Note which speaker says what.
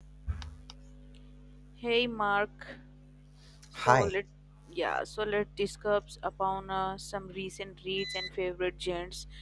Speaker 1: Hey Mark, so
Speaker 2: Hi.
Speaker 1: let yeah, so let discuss upon some recent reads and favorite genres